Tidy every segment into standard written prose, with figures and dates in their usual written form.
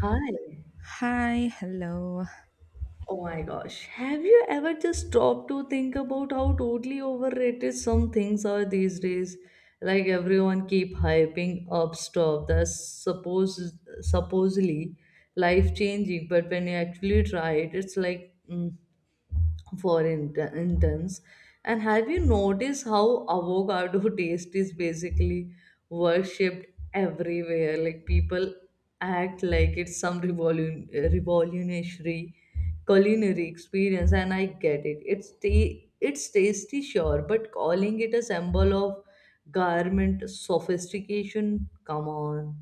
Hi. Hi, hello. Oh my gosh, have you ever just stopped to think about how totally overrated some things are these days? Like, everyone keep hyping up stuff that's supposedly life changing, but when you actually try it, it's like intents. And have you noticed how avocado taste is basically worshipped everywhere? Like, people act like it's some revolutionary culinary experience, and I get it. It's it's tasty, sure, but calling it a symbol of garment sophistication, come on.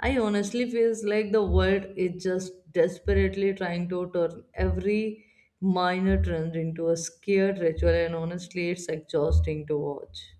I honestly feels like the world is just desperately trying to turn every minor trend into a scared ritual, and honestly, it's exhausting to watch.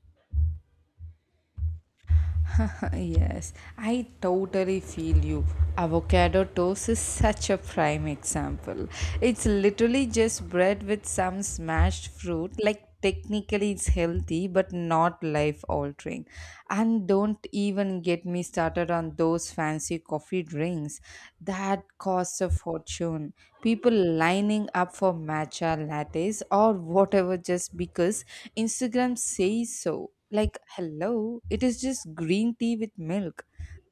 Yes, I totally feel you. Avocado toast is such a prime example. It's literally just bread with some smashed fruit. Like, technically, it's healthy, but not life altering. And don't even get me started on those fancy coffee drinks that cost a fortune. People lining up for matcha lattes or whatever just because Instagram says so. Like, hello, it is just green tea with milk.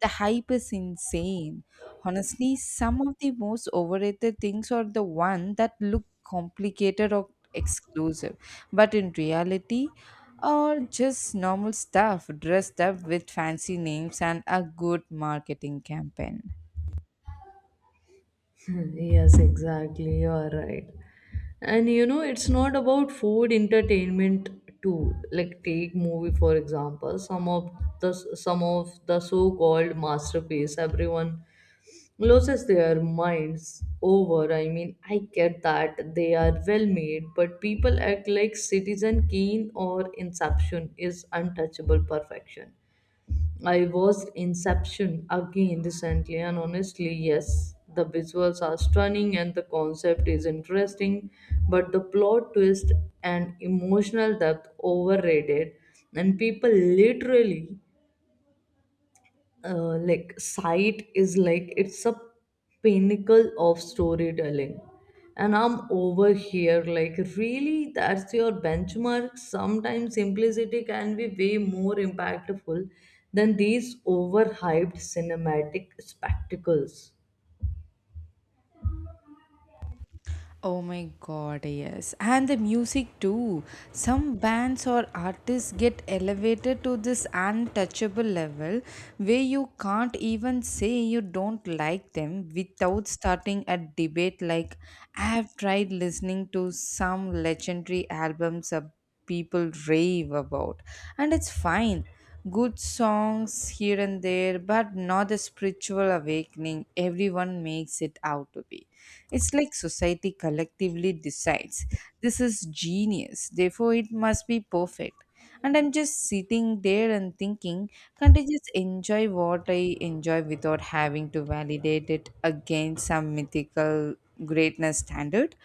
The hype is insane. Honestly, some of the most overrated things are the one that look complicated or exclusive, but in reality are just normal stuff dressed up with fancy names and a good marketing campaign. Yes, exactly. You are right. And you know, it's not about food entertainment too. Like, take movie for example. The some of the so-called masterpiece everyone loses their minds over. I mean, I get that they are well made, but people act like Citizen Kane or Inception is untouchable perfection. I watched Inception again recently, and honestly, yes, the visuals are stunning and the concept is interesting, but the plot twist and emotional depth overrated, and people literally like sight is like it's a pinnacle of storytelling, and I'm over here like, really? That's your benchmark? Sometimes simplicity can be way more impactful than these overhyped cinematic spectacles. Oh my god, yes. And the music too. Some bands or artists get elevated to this untouchable level where you can't even say you don't like them without starting a debate, like I've tried listening to some legendary albums of people rave about. And it's fine. Good songs here and there, but not the spiritual awakening everyone makes it out to be. It's like society collectively decides this is genius, therefore, it must be perfect. And I'm just sitting there and thinking, can't I just enjoy what I enjoy without having to validate it against some mythical greatness standard?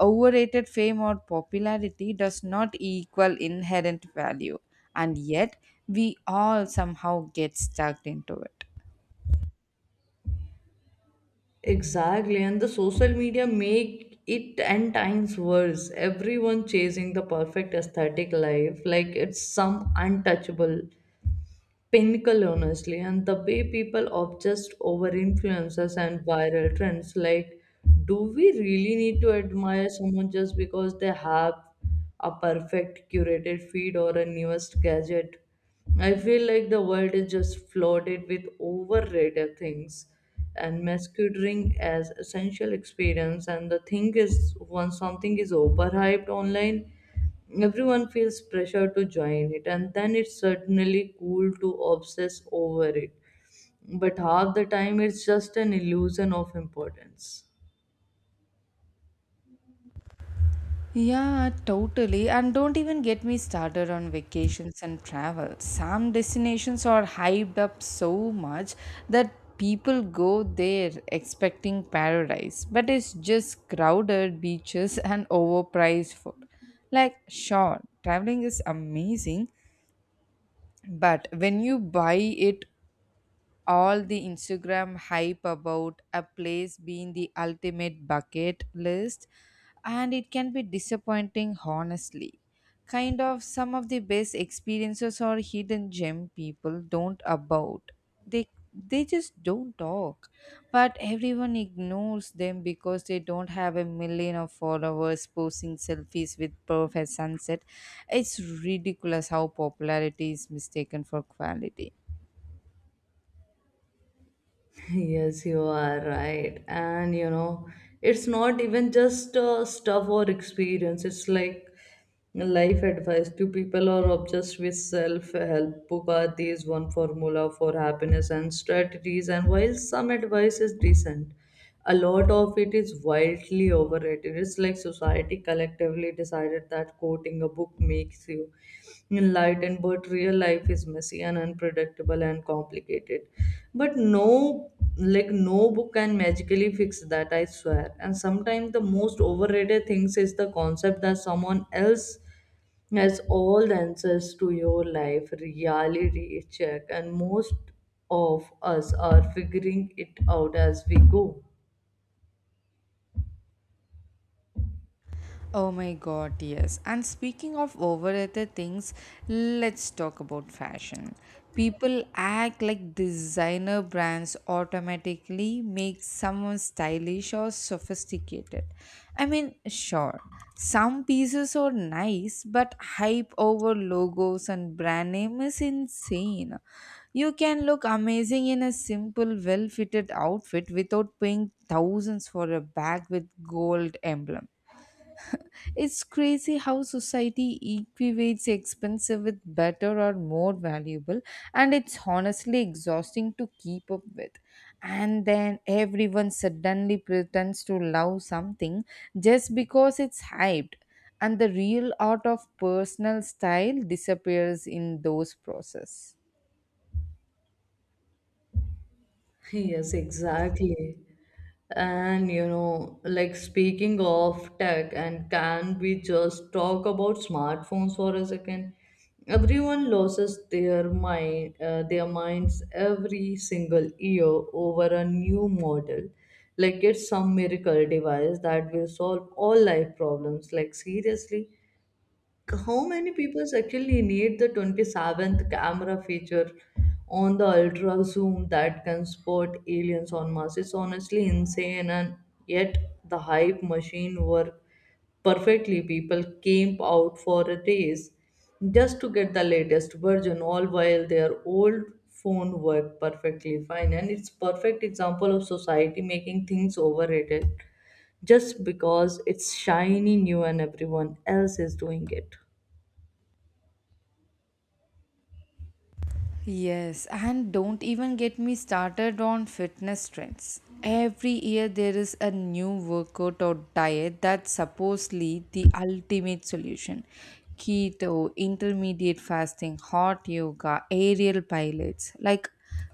Overrated fame or popularity does not equal inherent value, and yet we all somehow get stuck into it. Exactly, and the social media make it ten times worse. Everyone chasing the perfect aesthetic life, like it's some untouchable pinnacle. Honestly, and the way people obsess over influencers and viral trends, like, do we really need to admire someone just because they have a perfect curated feed or a newest gadget? I feel like the world is just flooded with overrated things and masquerading as essential experience. And the thing is, once something is overhyped online, everyone feels pressure to join it, and then it's certainly cool to obsess over it. But half the time, it's just an illusion of importance. Yeah, totally. And don't even get me started on vacations and travel. Some destinations are hyped up so much that people go there expecting paradise, but it's just crowded beaches and overpriced food. Like, sure, traveling is amazing, but when you buy it all the Instagram hype about a place being the ultimate bucket list, and it can be disappointing, honestly. Kind of some of the best experiences or hidden gem people don't about. They they just don't talk, but everyone ignores them because they don't have a million of followers posting selfies with perfect sunset. It's ridiculous how popularity is mistaken for quality. Yes, you are right. And you know, it's not even just stuff or experience, it's like life advice to people who are obsessed with self help book are these one formula for happiness and strategies. And while some advice is decent, a lot of it is wildly overrated. It's like society collectively decided that quoting a book makes you enlightened, but real life is messy and unpredictable and complicated. But no, like, no book can magically fix that, I swear. And sometimes the most overrated things is the concept that someone else has all the answers to your life. Reality check, and most of us are figuring it out as we go. Oh my god, yes. And speaking of overrated things, let's talk about fashion. People act like designer brands automatically make someone stylish or sophisticated. I mean, sure, some pieces are nice, but hype over logos and brand name is insane. You can look amazing in a simple, well fitted outfit without paying thousands for a bag with gold emblem. It's crazy how society equates expensive with better or more valuable, and it's honestly exhausting to keep up with. And then everyone suddenly pretends to love something just because it's hyped, and the real art of personal style disappears in those process. Yes, exactly. And you know, like, speaking of tech, and can we just talk about smartphones for a second? Everyone loses their minds every single year over a new model. Like, it's some miracle device that will solve all life problems. Like, seriously, how many people actually need the 27th camera feature on the ultra zoom that can spot aliens on Mars? It's honestly insane, and yet the hype machine worked perfectly. People came out for a race just to get the latest version, all while their old phone worked perfectly fine. And it's perfect example of society making things overrated just because it's shiny new and everyone else is doing it. Yes, and don't even get me started on fitness trends. Every year there is a new workout or diet that's supposedly the ultimate solution. Keto, intermediate fasting, hot yoga, aerial pilots. Like,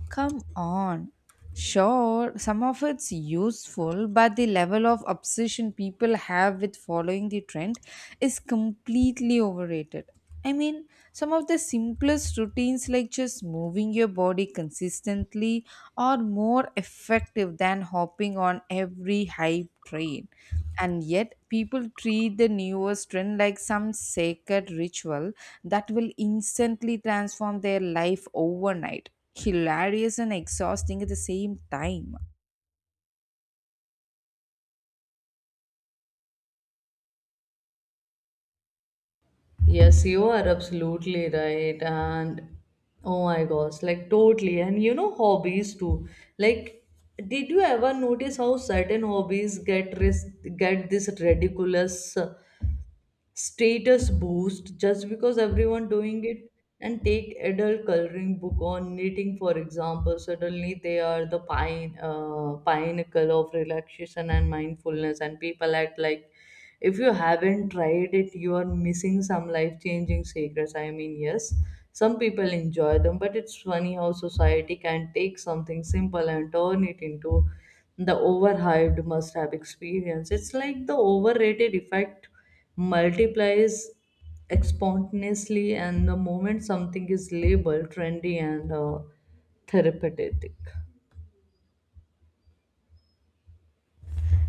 come on. Sure, some of it's useful, but the level of obsession people have with following the trend is completely overrated. I mean, some of the simplest routines, like just moving your body consistently, are more effective than hopping on every hype train. And yet, people treat the newest trend like some sacred ritual that will instantly transform their life overnight, hilarious and exhausting at the same time. Yes, you are absolutely right. And oh my gosh, like totally. And you know, hobbies too. Like, did you ever notice how certain hobbies get this ridiculous status boost just because everyone doing it? And take adult coloring book on knitting for example. Suddenly they are the pine pinnacle of relaxation and mindfulness, and people act like if you haven't tried it, you are missing some life changing secrets. I mean, yes, some people enjoy them, but it's funny how society can take something simple and turn it into the overhyped must have experience. It's like the overrated effect multiplies exponentially, and the moment something is labeled trendy and therapeutic.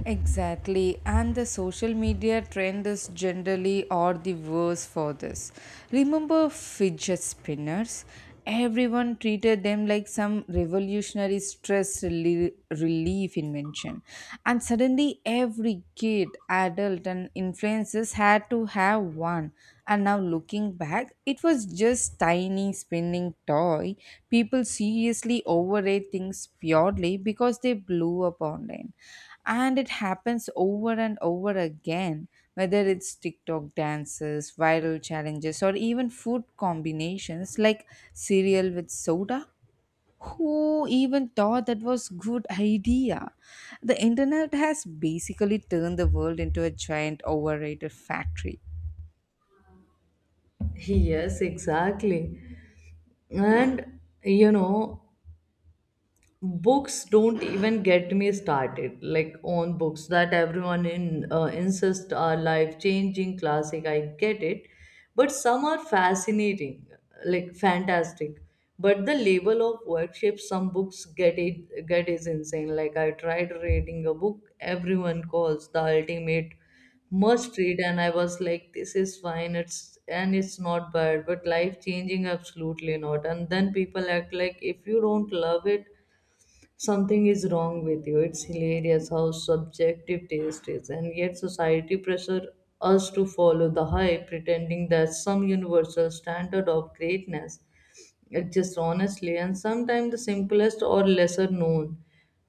Exactly, and the social media trend is generally or the worse for this. Remember fidget spinners? Everyone treated them like some revolutionary relief invention. And suddenly, every kid, adult, and influencers had to have one. And now, looking back, it was just tiny spinning toy. People seriously overrate things purely because they blew up online, and it happens over and over again, whether it's TikTok dances, viral challenges, or even food combinations like cereal with soda. Who even thought that was good idea? The internet has basically turned the world into a giant overrated factory. Yes, exactly. And you know, books, don't even get me started, like, on books that everyone in insists are life changing classic. I get it, but some are fascinating, like fantastic. But the level of worship some books get is insane. Like, I tried reading a book everyone calls the ultimate must read, and I was like, this is fine. It's, and it's not bad, but life changing, absolutely not. And then people act like if you don't love it, something is wrong with you. It's hilarious how subjective taste is, and yet society pressure us to follow the hype, pretending there's some universal standard of greatness. It just honestly, and sometimes the simplest or lesser known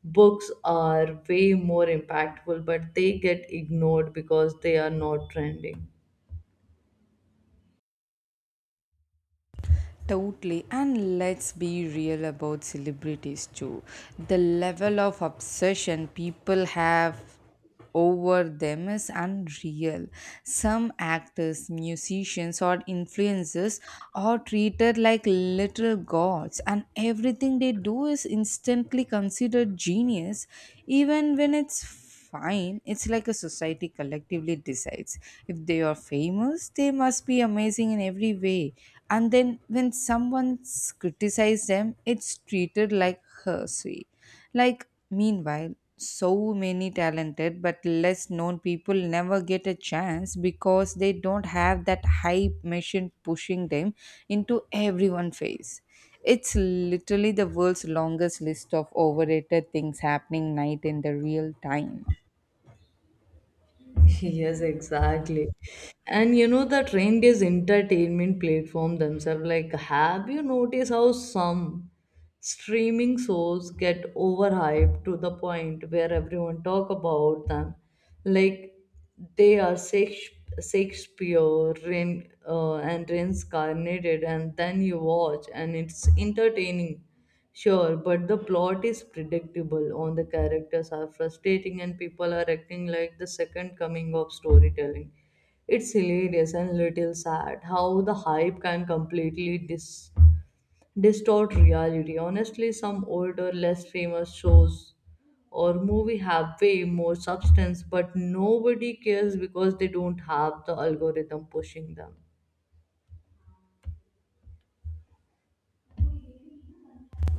books are way more impactful, but they get ignored because they are not trending. Totally, and let's be real about celebrities too. The level of obsession people have over them is unreal. Some actors, musicians, or influencers are treated like little gods, and everything they do is instantly considered genius, even when it's fine. It's like a society collectively decides if they are famous, they must be amazing in every way. And then when someone criticizes them, it's treated like heresy. Like, meanwhile, so many talented but less known people never get a chance because they don't have that hype machine pushing them into everyone's face. It's literally the world's longest list of overrated things happening night in the real time. Yes, exactly. And you know, that trend is entertainment platform themselves. Like, have you noticed how some streaming shows get overhyped to the point where everyone talk about them? Like, they are Shakespeare, and reincarnated, and then you watch, and it's entertaining. Sure, but the plot is predictable, on the characters are frustrating, and people are acting like the second coming of storytelling. It's hilarious and little sad how the hype can completely distort reality. Honestly, some older, less famous shows or movie have way more substance, but nobody cares because they don't have the algorithm pushing them.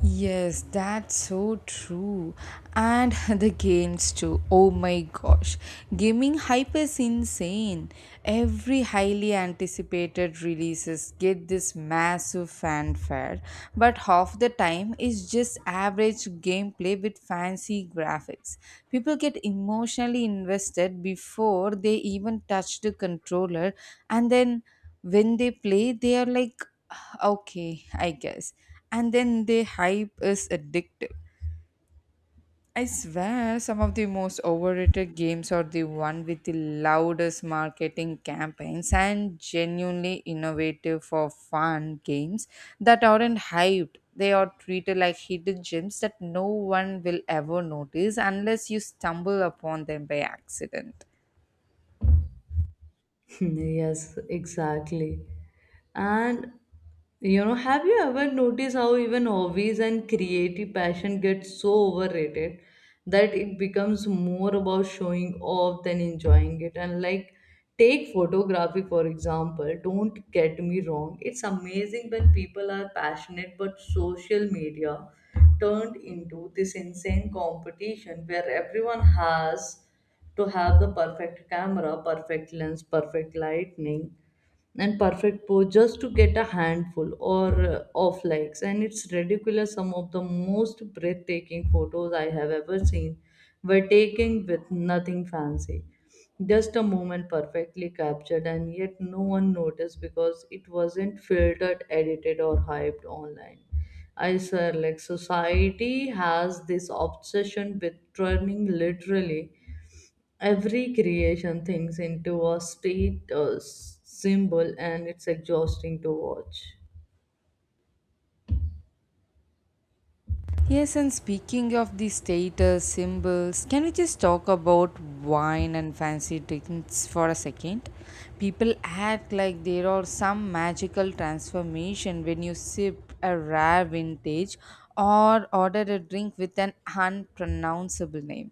Yes, that's so true. And the games too. Oh my gosh. Gaming hype is insane. Every highly anticipated releases get this massive fanfare, but half the time is just average gameplay with fancy graphics. People get emotionally invested before they even touch the controller, and then when they play they are like, "Ah, okay, I guess," and then the hype is addictive. I swear some of the most overrated games are the one with the loudest marketing campaigns, and genuinely innovative for fun games that aren't hyped. They are treated like hidden gems that no one will ever notice unless you stumble upon them by accident. Yes, exactly. And you know, have you ever noticed how even hobbies and creative passion get so overrated that it becomes more about showing off than enjoying it? And like, take photography for example. Don't get me wrong, it's amazing when people are passionate, but social media turned into this insane competition where everyone has to have the perfect camera, perfect lens, perfect lightning, and perfect pose just to get a handful or of likes. And it's ridiculous. Some of the most breathtaking photos I have ever seen were taken with nothing fancy. Just a moment perfectly captured, and yet no one noticed because it wasn't filtered, edited, or hyped online. I swear, like, society has this obsession with turning literally every creation thinks into a state symbol, and it's exhausting to watch. Yes, and speaking of the status symbols, can we just talk about wine and fancy drinks for a second? People act like there are some magical transformation when you sip a rare vintage or order a drink with an unpronounceable name.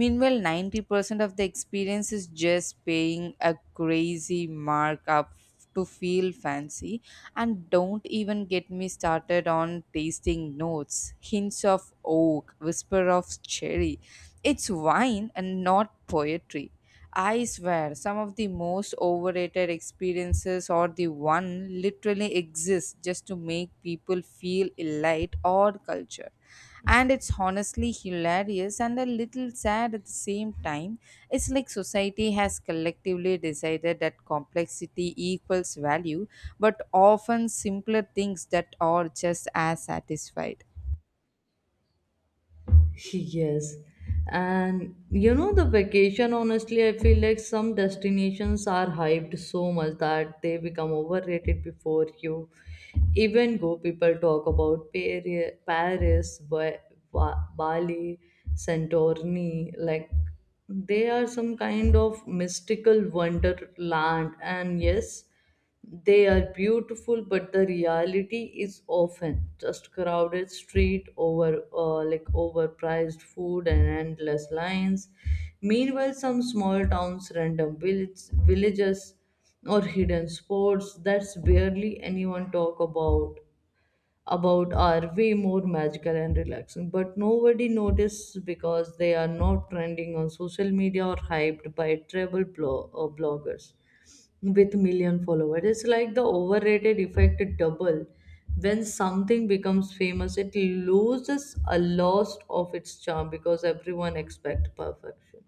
Meanwhile, 90% of the experience is just paying a crazy markup to feel fancy. And don't even get me started on tasting notes, hints of oak, whisper of cherry. It's wine and not poetry. I swear, some of the most overrated experiences or the one literally exists just to make people feel elite or culture, and it's honestly hilarious and a little sad at the same time. It's like society has collectively decided that complexity equals value, but often simpler things that are just as satisfied. Yes. And you know, the vacation, honestly, I feel like some destinations are hyped so much that they become overrated before you even go. People talk about Paris, Bali, Santorini, like they are some kind of mystical wonderland. And yes, they are beautiful, but the reality is often just crowded street, over like overpriced food and endless lines. Meanwhile, some small towns, villages, or hidden spots that's barely anyone talk about are way more magical and relaxing, but nobody notices because they are not trending on social media or hyped by bloggers with million followers. It's like the overrated effect double. When something becomes famous, it loses a lot of its charm because everyone expects perfection.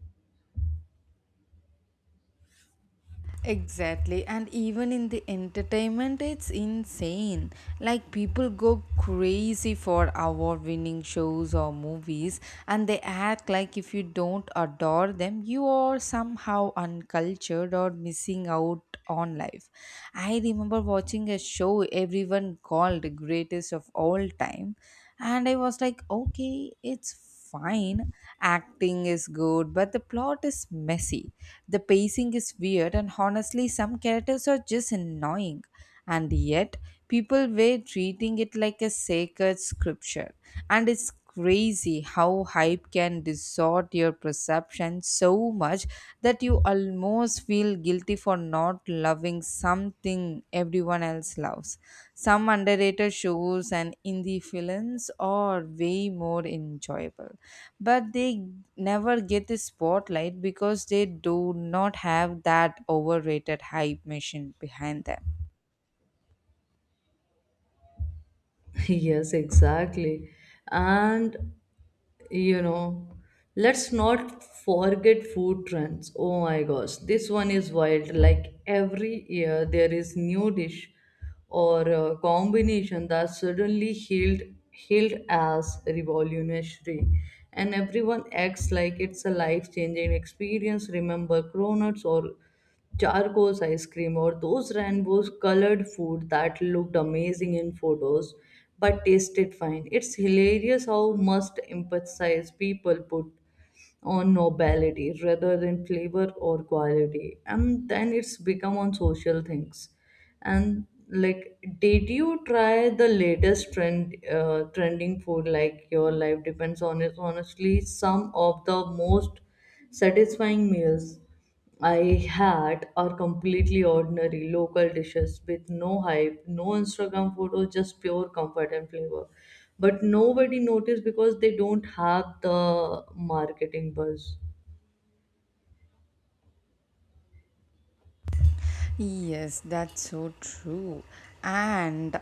Exactly, and even in the entertainment, it's insane. Like, people go crazy for award winning shows or movies, and they act like if you don't adore them, you are somehow uncultured or missing out on life. I remember watching a show everyone called the greatest of all time, and I was like, okay, it's fine, acting is good, but the plot is messy. The pacing is weird, and honestly, some characters are just annoying. And yet, people were treating it like a sacred scripture. And it's crazy how hype can distort your perception so much that you almost feel guilty for not loving something everyone else loves. Some underrated shows and indie films are way more enjoyable, but they never get the spotlight because they do not have that overrated hype machine behind them. Yes, exactly. And you know, let's not forget food trends. Oh my gosh, this one is wild. Like, every year there is new dish or a combination that suddenly hailed hailed as revolutionary, and everyone acts like it's a life changing experience. Remember cronuts or charcoals ice cream or those rainbow colored food that looked amazing in photos but tasted fine? It's hilarious how must emphasize people put on nobility rather than flavor or quality, and then it's become on social things and like, did you try the latest trend trending food like your life depends on it? Honestly, some of the most satisfying meals I had are completely ordinary local dishes with no hype, no Instagram photos, just pure comfort and flavor. But nobody noticed because they don't have the marketing buzz. Yes, that's so true. And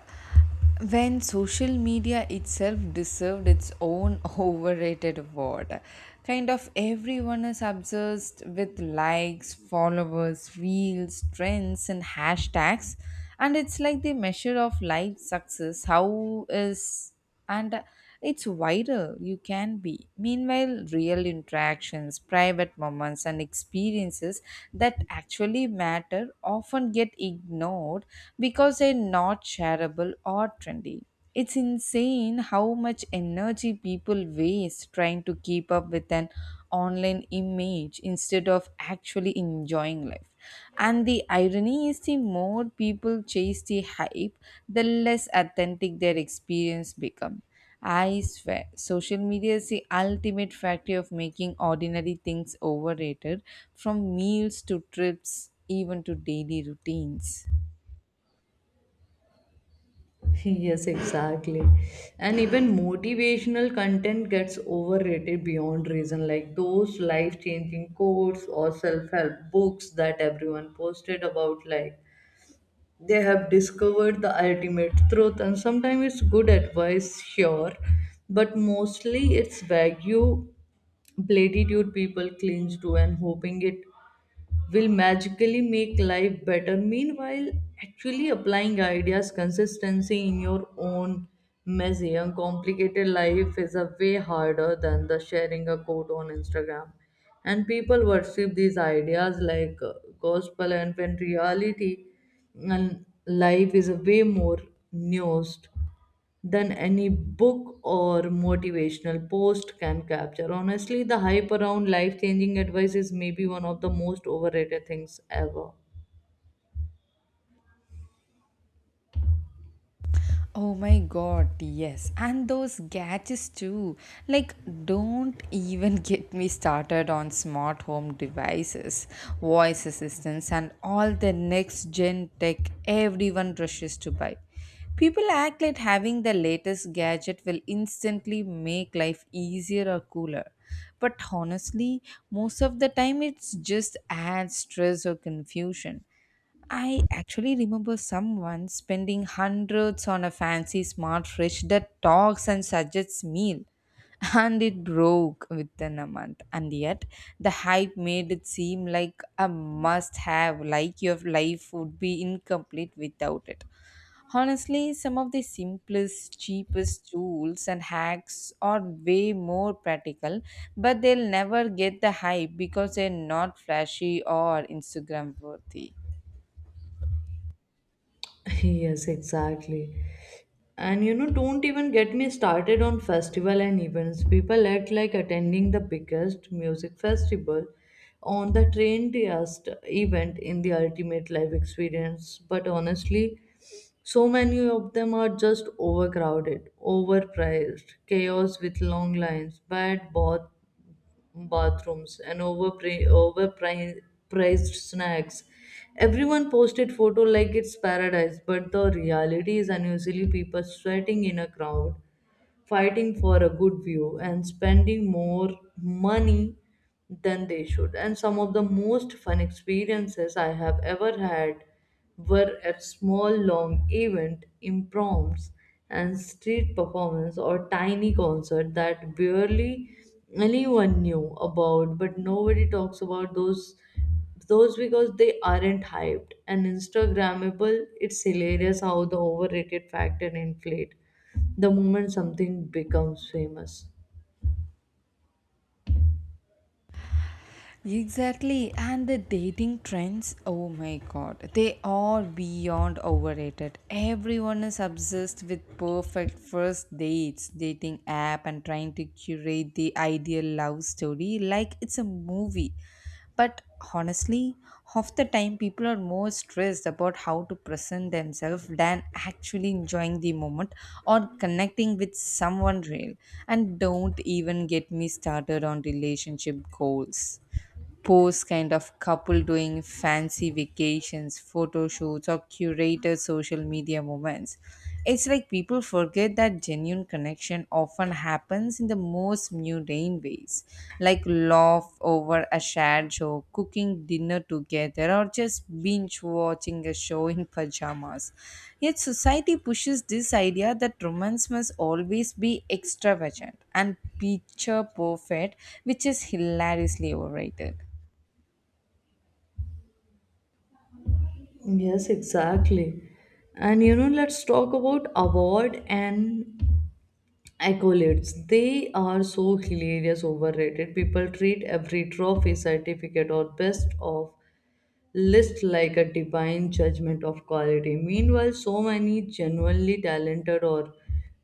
when social media itself deserved its own overrated award, kind of everyone is obsessed with likes, followers, reels, trends, and hashtags. And it's like the measure of life success. How is and it's viral you can be, meanwhile real interactions, private moments, and experiences that actually matter often get ignored because they're not shareable or trendy. It's insane how much energy people waste trying to keep up with an online image instead of actually enjoying life, and the irony is the more people chase the hype, the less authentic their experience become. I swear, social media is the ultimate factory of making ordinary things overrated, from meals to trips, even to daily routines. Yes, exactly. And even motivational content gets overrated beyond reason, like those life changing quotes or self help books that everyone posted about, like they have discovered the ultimate truth. And sometimes it's good advice, sure, but mostly it's vague platitude people cling to and hoping it will magically make life better. Meanwhile, actually applying ideas consistency in your own messy and complicated life is a way harder than the sharing a quote on Instagram. And people worship these ideas like gospel, and when reality and life is a way more nuanced than any book or motivational post can capture. Honestly, the hype around life changing advice is maybe one of the most overrated things ever. Oh my god, yes. And those gadgets too. Like, don't even get me started on smart home devices, voice assistants, and all the next gen tech everyone rushes to buy. People act like having the latest gadget will instantly make life easier or cooler. But honestly, most of the time it just adds stress or confusion. I actually remember someone spending hundreds on a fancy smart fridge that talks and suggests meal. And it broke within a month. And yet, the hype made it seem like a must have, like your life would be incomplete without it. Honestly, some of the simplest, cheapest tools and hacks are way more practical, but they'll never get the hype because they're not flashy or Instagram worthy. Yes, exactly. And you know, don't even get me started on festival and events. People act like attending the biggest music festival on the trendiest event in the ultimate life experience. But honestly, so many of them are just overcrowded, overpriced, chaos with long lines, bathrooms, and overpriced snacks. Everyone posted photo like it's paradise, but the reality is unusually people sweating in a crowd fighting for a good view and spending more money than they should. And some of the most fun experiences I have ever had were at small long event impromptus and street performance or tiny concert that barely anyone knew about, but nobody talks about those because they aren't hyped and instagrammable. It's hilarious how the overrated factor inflate the moment something becomes famous. Exactly, and the dating trends, oh my god, they are beyond overrated. Everyone is obsessed with perfect first dates, dating app, and trying to curate the ideal love story like it's a movie. But honestly, half the time people are more stressed about how to present themselves than actually enjoying the moment or connecting with someone real. And don't even get me started on relationship goals posts, kind of couple doing fancy vacations, photo shoots, or curated social media moments. It's like people forget that genuine connection often happens in the most mundane ways, like laugh over a shared show, cooking dinner together, or just binge watching a show in pajamas. Yet society pushes this idea that romance must always be extravagant and picture perfect, which is hilariously overrated. Yes, exactly. And you know, let's talk about award and accolades. They are so hilarious overrated. People treat every trophy, certificate, or best of list like a divine judgment of quality. Meanwhile, so many genuinely talented or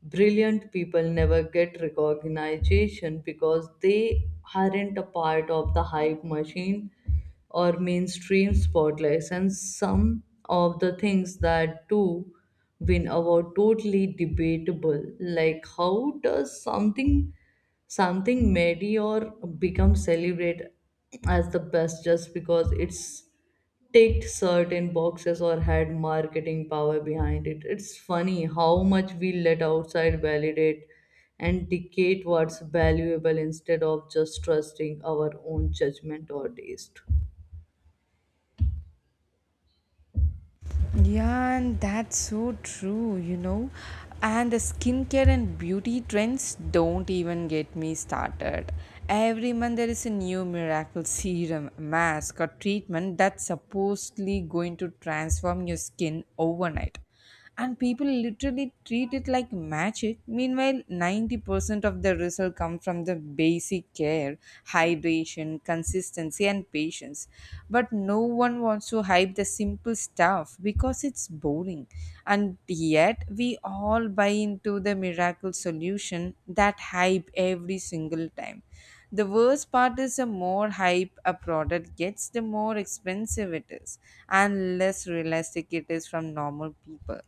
brilliant people never get recognition because they aren't a part of the hype machine or mainstream spotlights. And some of the things that do win award totally debatable, like how does something mediocre becomes celebrated as the best just because it's ticked certain boxes or had marketing power behind it. It's funny how much we let outside validate and dictate what's valuable instead of just trusting our own judgment or taste. Yeah, and that's so true. And the skincare and beauty trends don't even get me started. Every month there is a new miracle serum, mask, or treatment that's supposedly going to transform your skin overnight, and people literally treat it like magic. Meanwhile, 90% of the result come from the basic care, hydration, consistency, and patience. But no one wants to hype the simple stuff because it's boring, and yet we all buy into the miracle solution that hype every single time. The worst part is the more hype a product gets, the more expensive it is and less realistic it is from normal people.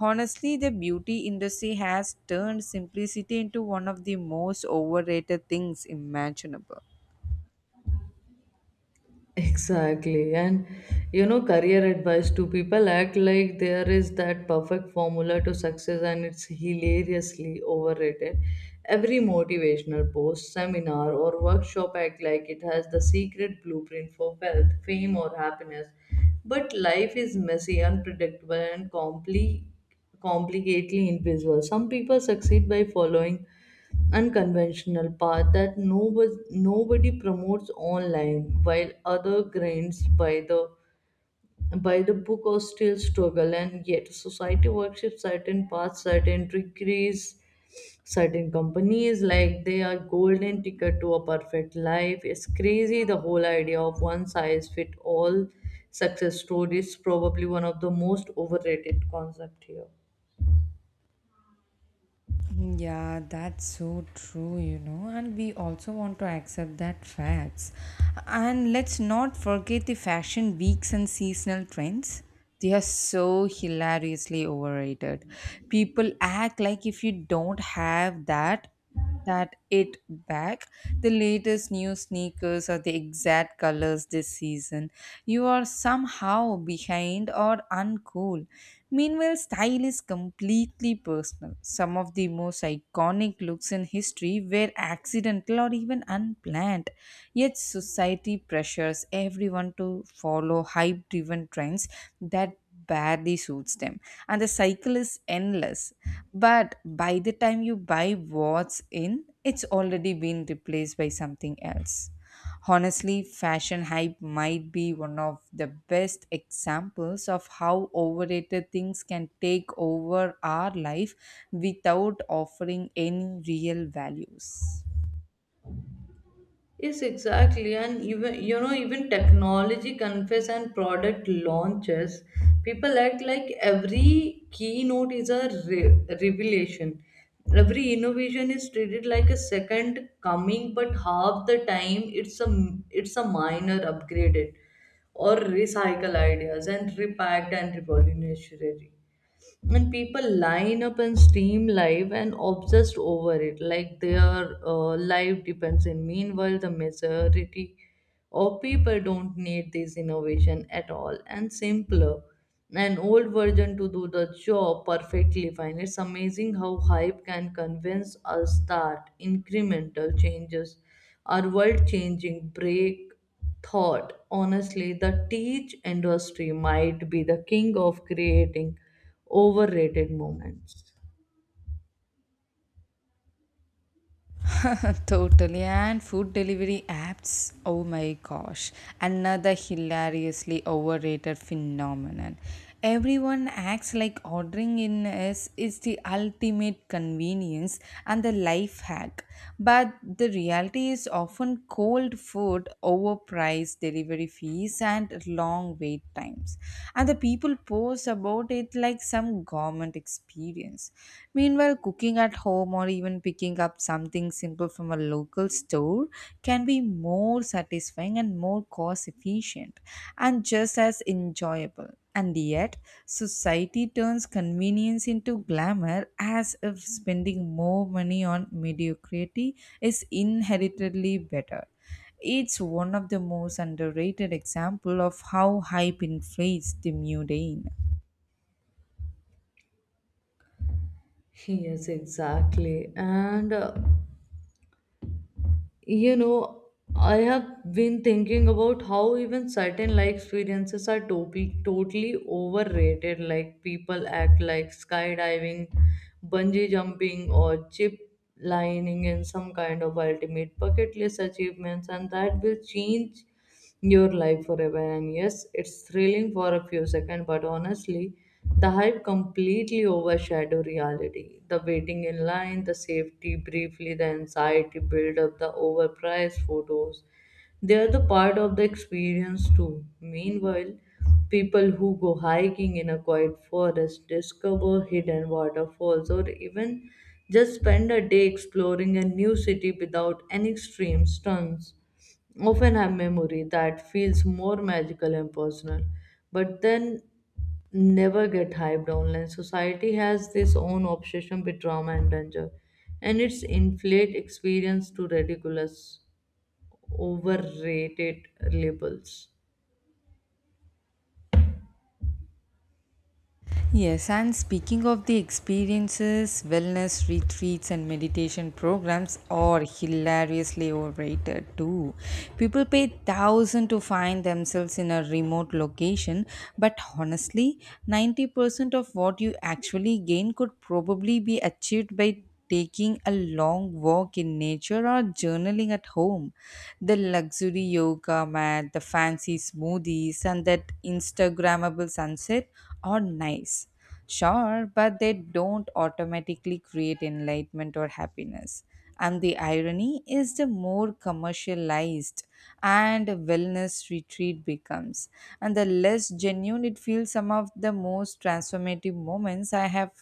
Honestly, the beauty industry has turned simplicity into one of the most overrated things imaginable. Exactly. And you know, career advice to people act like there is that perfect formula to success and it's hilariously overrated. Every motivational post, seminar, or workshop act like it has the secret blueprint for wealth, fame, or happiness. But life is messy, unpredictable, and complicatedly invisible. Some people succeed by following unconventional path that nobody promotes online, while other grinds by the book or still struggle, and yet society worships certain paths, certain degrees, certain companies like they are golden ticket to a perfect life. It's crazy. The whole idea of one size fit all success story is probably one of the most overrated concept here. Yeah, that's so true, and we also want to accept that facts. And let's not forget the fashion weeks and seasonal trends. They are so hilariously overrated. People act like if you don't have that it back. The latest new sneakers are the exact colors this season. You are somehow behind or uncool. Meanwhile, style is completely personal. Some of the most iconic looks in history were accidental or even unplanned. Yet, society pressures everyone to follow hype driven trends that barely suits them, and the cycle is endless. But by the time you buy what's in, it's already been replaced by something else. Honestly, fashion hype might be one of the best examples of how overrated things can take over our life without offering any real values. Yes, exactly. And even you know, even technology confess and product launches, people act like every keynote is a revelation. Every innovation is treated like a second coming, but half the time it's a minor upgraded or recycle ideas and repacked and revolutionary, and people line up and stream live and obsessed over it like their life depends in. Meanwhile, the majority of people don't need this innovation at all, and simpler an old version to do the job perfectly fine. It's amazing how hype can convince us that incremental changes are world changing break thought. Honestly, the teach industry might be the king of creating overrated moments. Totally. And food delivery apps, oh my gosh, another hilariously overrated phenomenon. Everyone acts like ordering in is the ultimate convenience and the life hack. But the reality is often cold food, overpriced delivery fees, and long wait times. And the people post about it like some government experience. Meanwhile, cooking at home or even picking up something simple from a local store can be more satisfying and more cost efficient and just as enjoyable. And yet, society turns convenience into glamour as if spending more money on mediocrity is inheritedly better. It's one of the most underrated example of how hype inflates the mundane. Yes, exactly. And you know, I have been thinking about how even certain life experiences are totally overrated, like people act like skydiving, bungee jumping, or chip lining in some kind of ultimate bucket list achievements, and that will change your life forever. And yes, it's thrilling for a few seconds, but honestly, the hype completely overshadow reality. The waiting in line, the safety briefly, the anxiety build up, the overpriced photos. They are the part of the experience too. Meanwhile, people who go hiking in a quiet forest, discover hidden waterfalls, or even just spend a day exploring a new city without any extreme stunts often have memory that feels more magical and personal, but then never get hyped online. Society has this own obsession with drama and danger, and it's inflate experience to ridiculous, overrated labels. Yes, and speaking of the experiences, wellness retreats and meditation programs are hilariously overrated too. People pay thousands to find themselves in a remote location, but honestly, 90% of what you actually gain could probably be achieved by taking a long walk in nature or journaling at home. The luxury yoga mat, the fancy smoothies, and that Instagrammable sunset are nice. Sure, but they don't automatically create enlightenment or happiness. And the irony is the more commercialized and a wellness retreat becomes, and the less genuine it feels. Some of the most transformative moments I have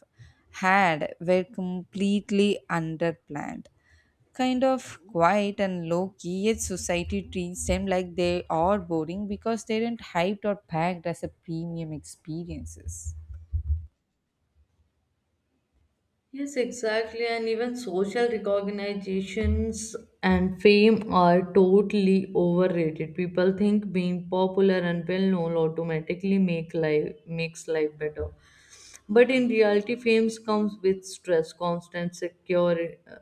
had were completely underplanned. Kind of quiet and low key, yet society treats them like they are boring because they aren't hyped or packed as a premium experiences. Yes, exactly. And even social recognitions and fame are totally overrated. People think being popular and well known automatically make life makes life better. But in reality, fame comes with stress, constant secure uh,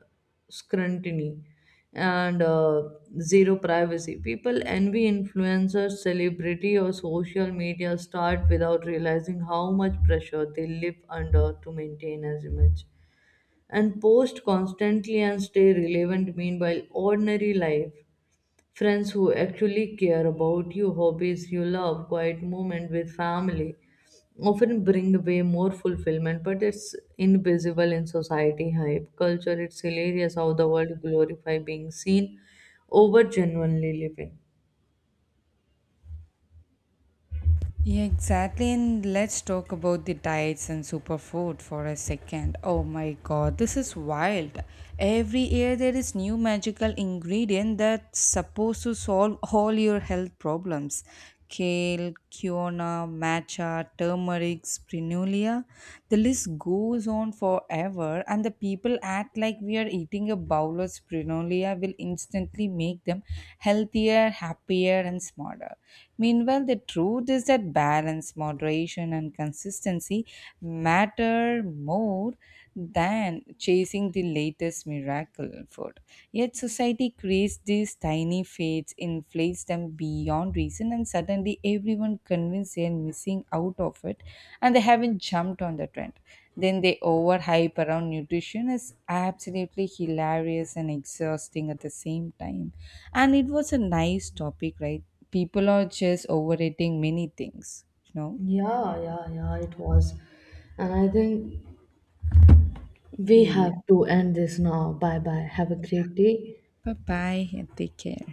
scrutiny, and zero privacy. People envy influencers, celebrity, or social media start without realizing how much pressure they live under to maintain as image and post constantly and stay relevant. Meanwhile, ordinary life, friends who actually care about you, hobbies you love, quiet moment with family often bring way more fulfillment, but it's invisible in society hype. Culture, it's hilarious how the world glorify being seen over genuinely living. Yeah, exactly. And let's talk about the diets and superfood for a second. Oh my god, this is wild. Every year there is new magical ingredient that's supposed to solve all your health problems. Kale, quinoa, matcha, turmeric, sprinulia. The list goes on forever, and the people act like we are eating a bowl of sprinulia will instantly make them healthier, happier, and smarter. Meanwhile, the truth is that balance, moderation, and consistency matter more than chasing the latest miracle food. Yet, society creates these tiny fates, inflates them beyond reason, and suddenly everyone convinced they are missing out of it and they haven't jumped on the trend. Then they overhype around nutrition is absolutely hilarious and exhausting at the same time. And it was a nice topic, right? People are just overrating many things, you know. Yeah, yeah, yeah, it was. And I think we Yeah, have to end this now. Bye bye. Have a great day. bye bye and take care.